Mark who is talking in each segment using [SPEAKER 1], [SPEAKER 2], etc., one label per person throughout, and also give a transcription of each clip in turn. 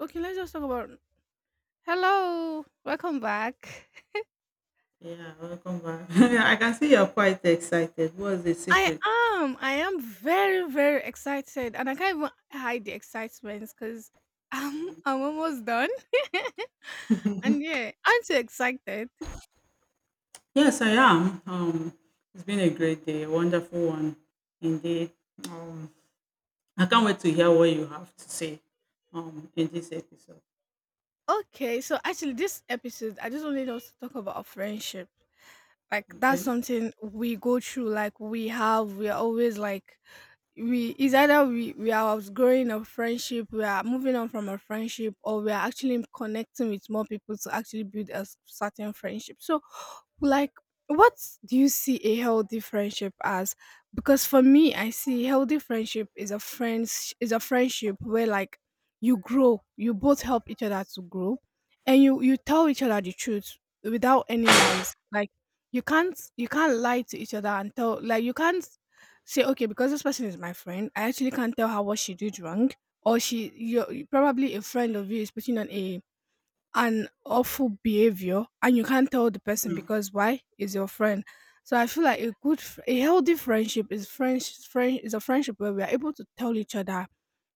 [SPEAKER 1] Okay, let's just talk about Hello, welcome back.
[SPEAKER 2] Yeah, welcome back. I can see you're quite excited. What's the
[SPEAKER 1] I
[SPEAKER 2] secret?
[SPEAKER 1] am. I am very, very excited, and I can't even hide the excitement because I'm almost done. and yeah, I'm too excited.
[SPEAKER 2] Yes, I am. It's been a great day, a wonderful one indeed. Um, I can't wait to hear what you have to say in this episode.
[SPEAKER 1] Okay, so actually, this episode, I just wanted us to talk about friendship. Like that's
[SPEAKER 2] Okay.
[SPEAKER 1] something we go through. Like we have, we are always like we it's either we are outgrowing a friendship, we are moving on from a friendship, or we are actually connecting with more people to actually build certain friendship. So like, what do you see a healthy friendship as? Because for me, I see healthy friendship is a friendship where like you grow, you both help each other to grow, and you tell each other the truth without any lies. Like you can't lie to each other and tell like you can't say okay because this person is my friend, I actually can't tell her what she did wrong or she you probably a friend of you is putting on a an awful behavior and you can't tell the person
[SPEAKER 2] Mm,
[SPEAKER 1] because why is your friend. So I feel like a healthy friendship is french friend is a friendship where we are able to tell each other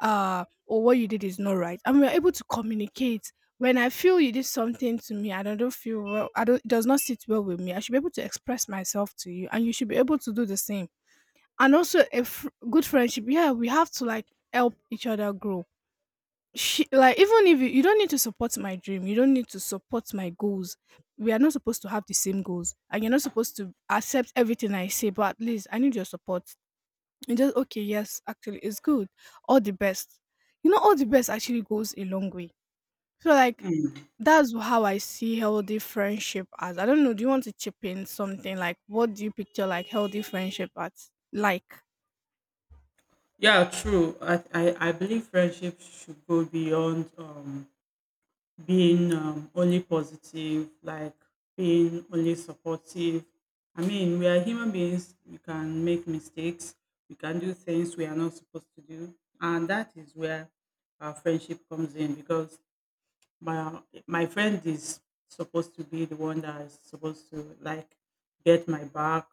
[SPEAKER 1] or what you did is not right, and we're able to communicate when I feel you did something to me and I don't feel well, I don't, it does not sit well with me. I should be able to express myself to you and you should be able to do the same. And also good friendship, yeah, we have to like help each other grow. She like even if you don't need to support my dream, you don't need to support my goals. We are not supposed to have the same goals and you're not supposed to accept everything I say, but at least I need your support. And just okay, yes, actually it's good, all the best. You know all the best actually goes a long way. So like
[SPEAKER 2] mm.
[SPEAKER 1] that's how I see healthy friendship as. I don't know, do you want to chip in something? Like what do you picture like healthy friendship as? Like
[SPEAKER 2] Yeah, true. I believe friendship should go beyond being only positive, like being only supportive. I mean, we are human beings, we can make mistakes, we can do things we are not supposed to do. And that is where our friendship comes in because my, my friend is supposed to be the one that is supposed to like get my back,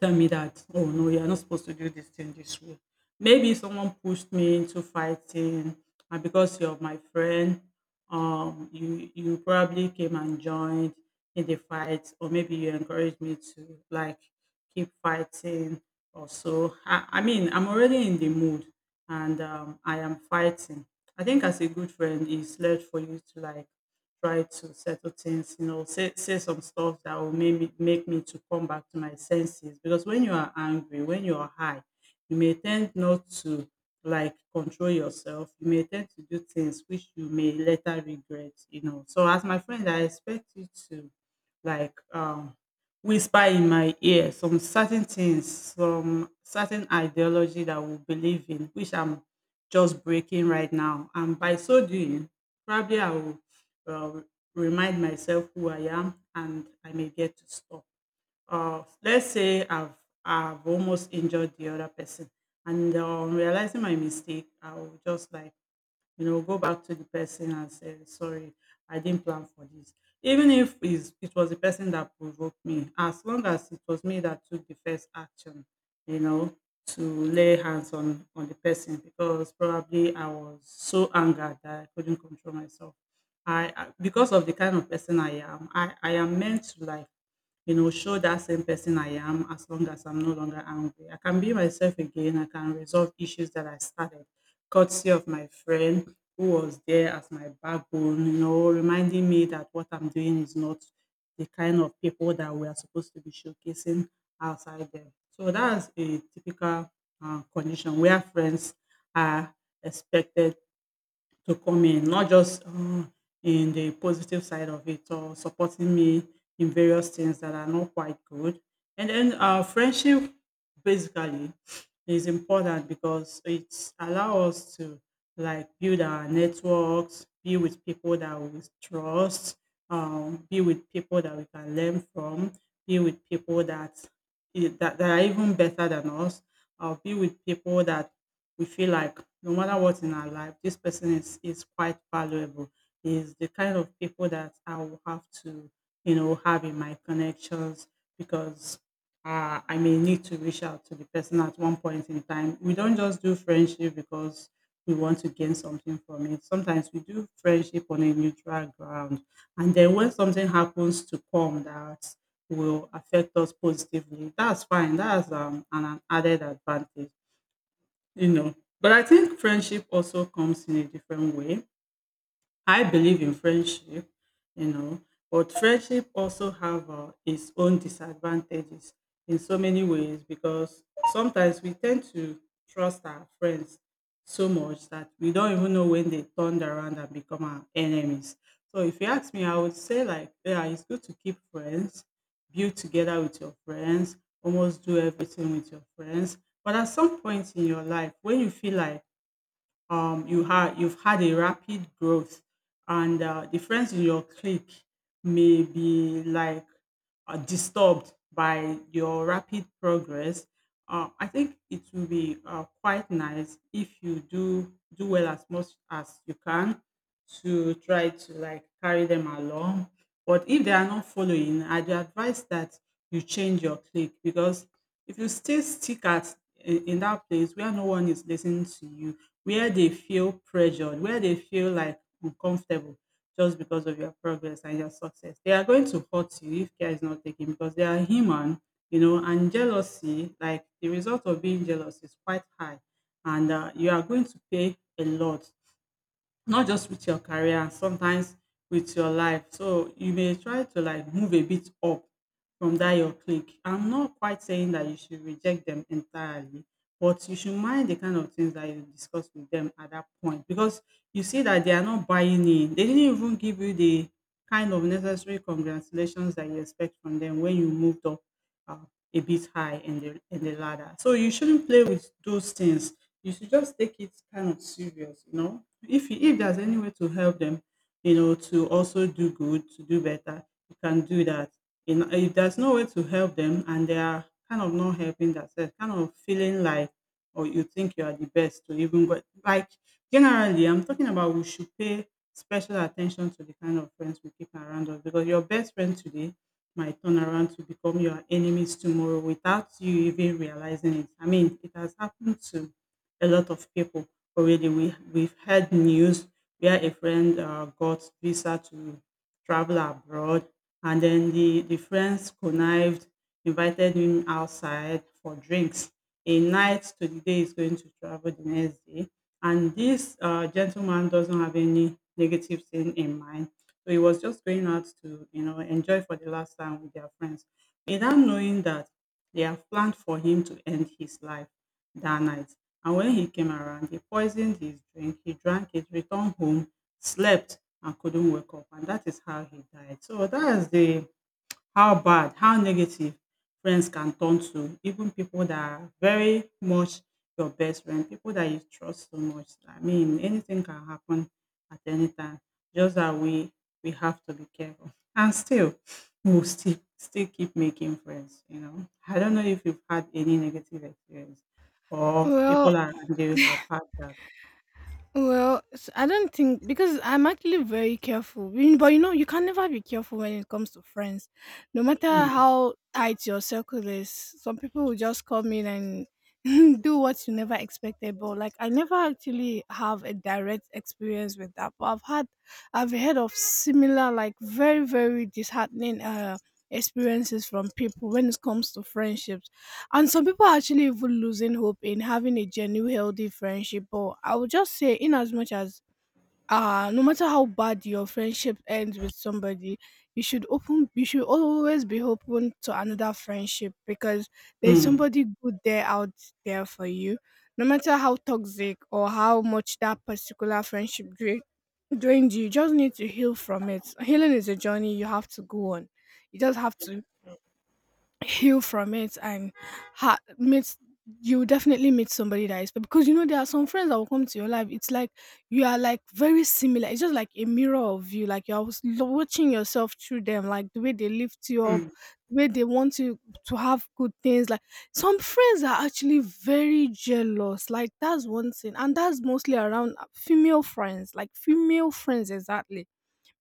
[SPEAKER 2] tell me that, "Oh, no, you're not supposed to do this thing this way." Maybe someone pushed me into fighting, and because you're my friend, you probably came and joined in the fight, or maybe you encouraged me to like keep fighting or so. I mean, I'm already in the mood, and I am fighting. I think as a good friend, it's left for you to like try to settle things, you know, say some stuff that will make me to come back to my senses. Because when you are angry, when you are high, you may tend not to like control yourself. You may tend to do things which you may later regret, you know. So as my friend, I expect you to like whisper in my ear some certain things, some certain ideology that we believe in, which I'm just breaking right now. And by so doing, probably I will um, remind myself who I am and I may get to stop. Let's say I've almost injured the other person, and on realizing my mistake, I'll just like you know go back to the person and say sorry. I didn't plan for this. Even if it was the person that provoked me, as long as it was me that took the first action, you know, to lay hands on the person, because probably I was so angered that I couldn't control myself. I, because of the kind of person I am, i am meant to like you know, show that same person I am as long as I'm no longer angry. I can be myself again. I can resolve issues that I started courtesy of my friend who was there as my backbone, you know, reminding me that what I'm doing is not the kind of people that we are supposed to be showcasing outside there. So that's a typical condition where friends are expected to come in, not just in the positive side of it or supporting me in various things that are not quite good. And then friendship basically is important because it allows us to like build our networks, be with people that we trust, be with people that we can learn from, be with people that are even better than us, be with people that we feel like no matter what in our life, this person is quite valuable. Is the kind of people that I will have to, you know, have in my connections because I may need to reach out to the person at one point in time. We don't just do friendship because we want to gain something from it. Sometimes we do friendship on a neutral ground, and then when something happens to come that will affect us positively, that's fine. That's an added advantage, you know, but I think friendship also comes in a different way. I believe in friendship, you know, but friendship also have its own disadvantages in so many ways because sometimes we tend to trust our friends so much that we don't even know when they turned around and become our enemies. So if you ask me, I would say like, yeah, it's good to keep friends, build together with your friends, almost do everything with your friends. But at some point in your life, when you feel like you have you've had a rapid growth, and the friends in your clique may be like disturbed by your rapid progress. I think it will be quite nice if you do well as much as you can to try to like carry them along. But if they are not following, I'd advise that you change your clique, because if you still stick in that place where no one is listening to you, where they feel pressured, where they feel like uncomfortable just because of your progress and your success. They are going to hurt you if care is not taken because they are human, you know, and jealousy, like the result of being jealous is quite high. And you are going to pay a lot, not just with your career, sometimes with your life. So you may try to like move a bit up from that your clique. I'm not quite saying that you should reject them entirely, but you should mind the kind of things that you discuss with them at that point because you see that they are not buying in. They didn't even give you the kind of necessary congratulations that you expect from them when you moved up uh, a bit high in the ladder. So you shouldn't play with those things, you should just take it kind of serious, you know. If there's any way to help them, you know, to also do good, to do better, you can do that. You know, if there's no way to help them and they are kind of not helping themselves, kind of feeling like or you think you are the best to even go like generally I'm talking about we should pay special attention to the kind of friends we keep around us, because your best friend today might turn around to become your enemies tomorrow without you even realizing it. I mean, it has happened to a lot of people already. We've heard news where a friend got visa to travel abroad, and then the friends connived, invited him outside for drinks. A night to the day he's going to travel the next day, and this gentleman doesn't have any negative thing in mind. So he was just going out to, you know, enjoy for the last time with their friends, without knowing that they have planned for him to end his life that night. And when he came around, he poisoned his drink, he drank it, returned home, slept, and couldn't wake up. And that is how he died. So that is the how bad, how negative friends can turn to even people that are very much your best friend, people that you trust so much. I mean, anything can happen at any time. Just that we have to be careful. And we'll still keep making friends, you know. I don't know if you've had any negative experience or
[SPEAKER 1] well
[SPEAKER 2] people around you have had that.
[SPEAKER 1] well, I don't think, because I'm actually very careful. But you know, you can never be careful when it comes to friends. No matter
[SPEAKER 2] Mm,
[SPEAKER 1] how tight your circle is, some people will just come in and do what you never expected. But like, I never actually have a direct experience with that. I've heard of similar, like very, very disheartening experiences from people when it comes to friendships, and some people are actually even losing hope in having a genuine, healthy friendship. But I would just say, in as much as no matter how bad your friendship ends with somebody, you should open. You should always be open to another friendship because there's
[SPEAKER 2] mm,
[SPEAKER 1] somebody good there out there for you. No matter how toxic or how much that particular friendship drained you, you just need to heal from it. Healing is a journey you have to go on. You just have to heal from it and ha- meet you will definitely meet somebody that is, because you know there are some friends that will come to your life, it's like you are like very similar, it's just like a mirror of you, like you're watching yourself through them, like the way they lift you up,
[SPEAKER 2] mm.
[SPEAKER 1] the way they want you to have good things. Like some friends are actually very jealous, like that's one thing, and that's mostly around female friends, like female friends, exactly.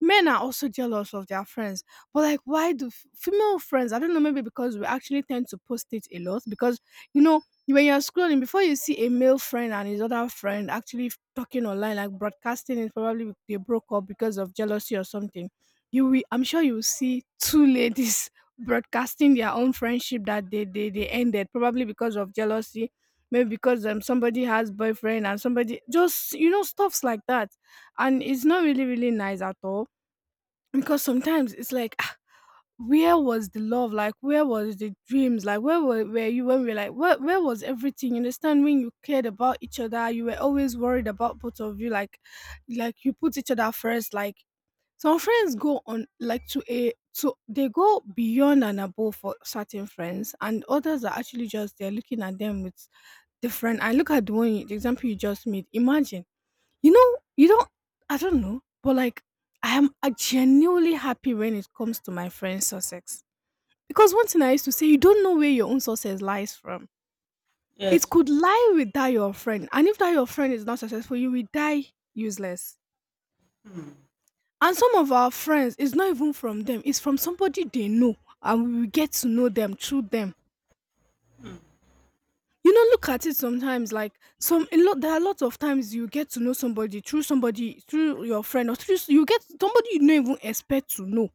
[SPEAKER 1] Men are also jealous of their friends, but like why do female friends, I don't know, maybe because we actually tend to post it a lot. Because you know when you're scrolling before, you see a male friend and his other friend actually talking online, like broadcasting it, probably they broke up because of jealousy or something. You will, I'm sure you will see two ladies broadcasting their own friendship that they ended, probably because of jealousy. Maybe because somebody has boyfriend and somebody just, you know, stuffs like that. And it's not really really nice at all, because sometimes it's like, ah, where was the love? Like, where was the dreams? Like, where were you when we were like, where was everything? You understand, when you cared about each other, you were always worried about both of you. Like you put each other first. Like, some friends go on like to they go beyond and above for certain friends, and others are actually just they're looking at them with different. I look at the one the example you just made. Imagine, you know, you don't, I don't know, but like I am genuinely happy when it comes to my friend's success. Because one thing I used to say, you don't know where your own success lies from. It
[SPEAKER 2] Yes.
[SPEAKER 1] could lie with that your friend. And if that your friend is not successful, you will die useless. And some of our friends, it's not even from them, it's from somebody they know, and we will get to know them through them. You know, look at it sometimes, like some a lot there are lots of times you get to know somebody through somebody, through your friend, or through you get somebody you don't even expect to know.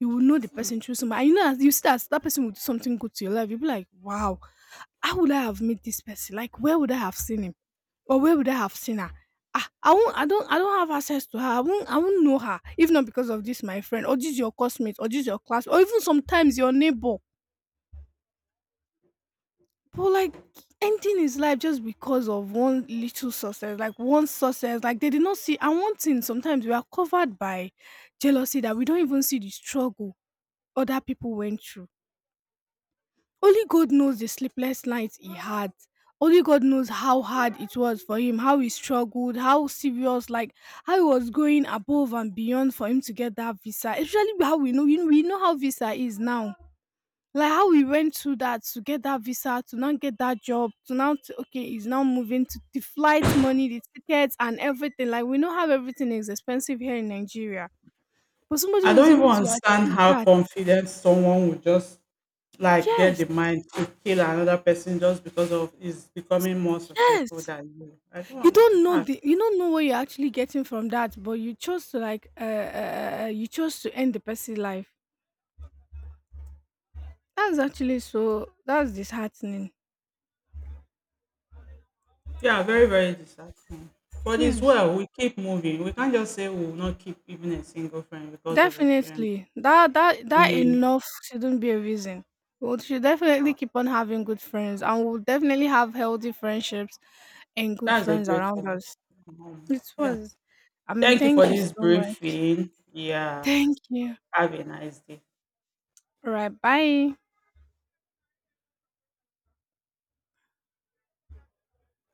[SPEAKER 1] You will know the person through somebody, and you know, as you see that that person will do something good to your life, you'll be like wow, how would I have met this person? Like where would I have seen him, or where would I have seen her? Ah, I won't, I don't have access to her, I won't know her if not because of this my friend, or this your classmate, or this your class, or even sometimes your neighbor. But like ending his life just because of one little success, like one success, like they did not see. And one thing, sometimes we are covered by jealousy that we don't even see the struggle other people went through. Only God knows the sleepless nights he had. Only God knows how hard it was for him, how he struggled, how serious, like how he was going above and beyond for him to get that visa. Especially how we know, you know, we know how visa is now, like how we went through that to get that visa, to now get that job, to now to, okay, he's now moving to the flight money, the tickets, and everything. Like we know how everything is expensive here in Nigeria, but somebody
[SPEAKER 2] I
[SPEAKER 1] was
[SPEAKER 2] don't even
[SPEAKER 1] able to
[SPEAKER 2] understand
[SPEAKER 1] achieve
[SPEAKER 2] how
[SPEAKER 1] that.
[SPEAKER 2] confident someone would just like get
[SPEAKER 1] Yes,
[SPEAKER 2] the mind to kill another person just because of is becoming more successful
[SPEAKER 1] yes.
[SPEAKER 2] than you. I
[SPEAKER 1] You
[SPEAKER 2] don't in
[SPEAKER 1] don't know
[SPEAKER 2] fact,
[SPEAKER 1] the, you don't know what you're actually getting from that, but you chose to like, you chose to end the person's life. That's actually so. That's disheartening.
[SPEAKER 2] yeah, very, very disheartening. But it's
[SPEAKER 1] Yes.
[SPEAKER 2] well, we keep moving. We can't just say we will not keep even a single friend because of experience.
[SPEAKER 1] Definitely. That
[SPEAKER 2] We
[SPEAKER 1] enough shouldn't be a reason. We should definitely
[SPEAKER 2] uh,
[SPEAKER 1] keep on having good friends and we'll definitely have healthy friendships and good
[SPEAKER 2] that's a
[SPEAKER 1] friends
[SPEAKER 2] great
[SPEAKER 1] around
[SPEAKER 2] one.
[SPEAKER 1] us. It
[SPEAKER 2] Yeah.
[SPEAKER 1] was, I mean,
[SPEAKER 2] Thank you for
[SPEAKER 1] thank you
[SPEAKER 2] this
[SPEAKER 1] so much.
[SPEAKER 2] briefing. Yeah.
[SPEAKER 1] Thank you.
[SPEAKER 2] Have a nice day.
[SPEAKER 1] All right, bye.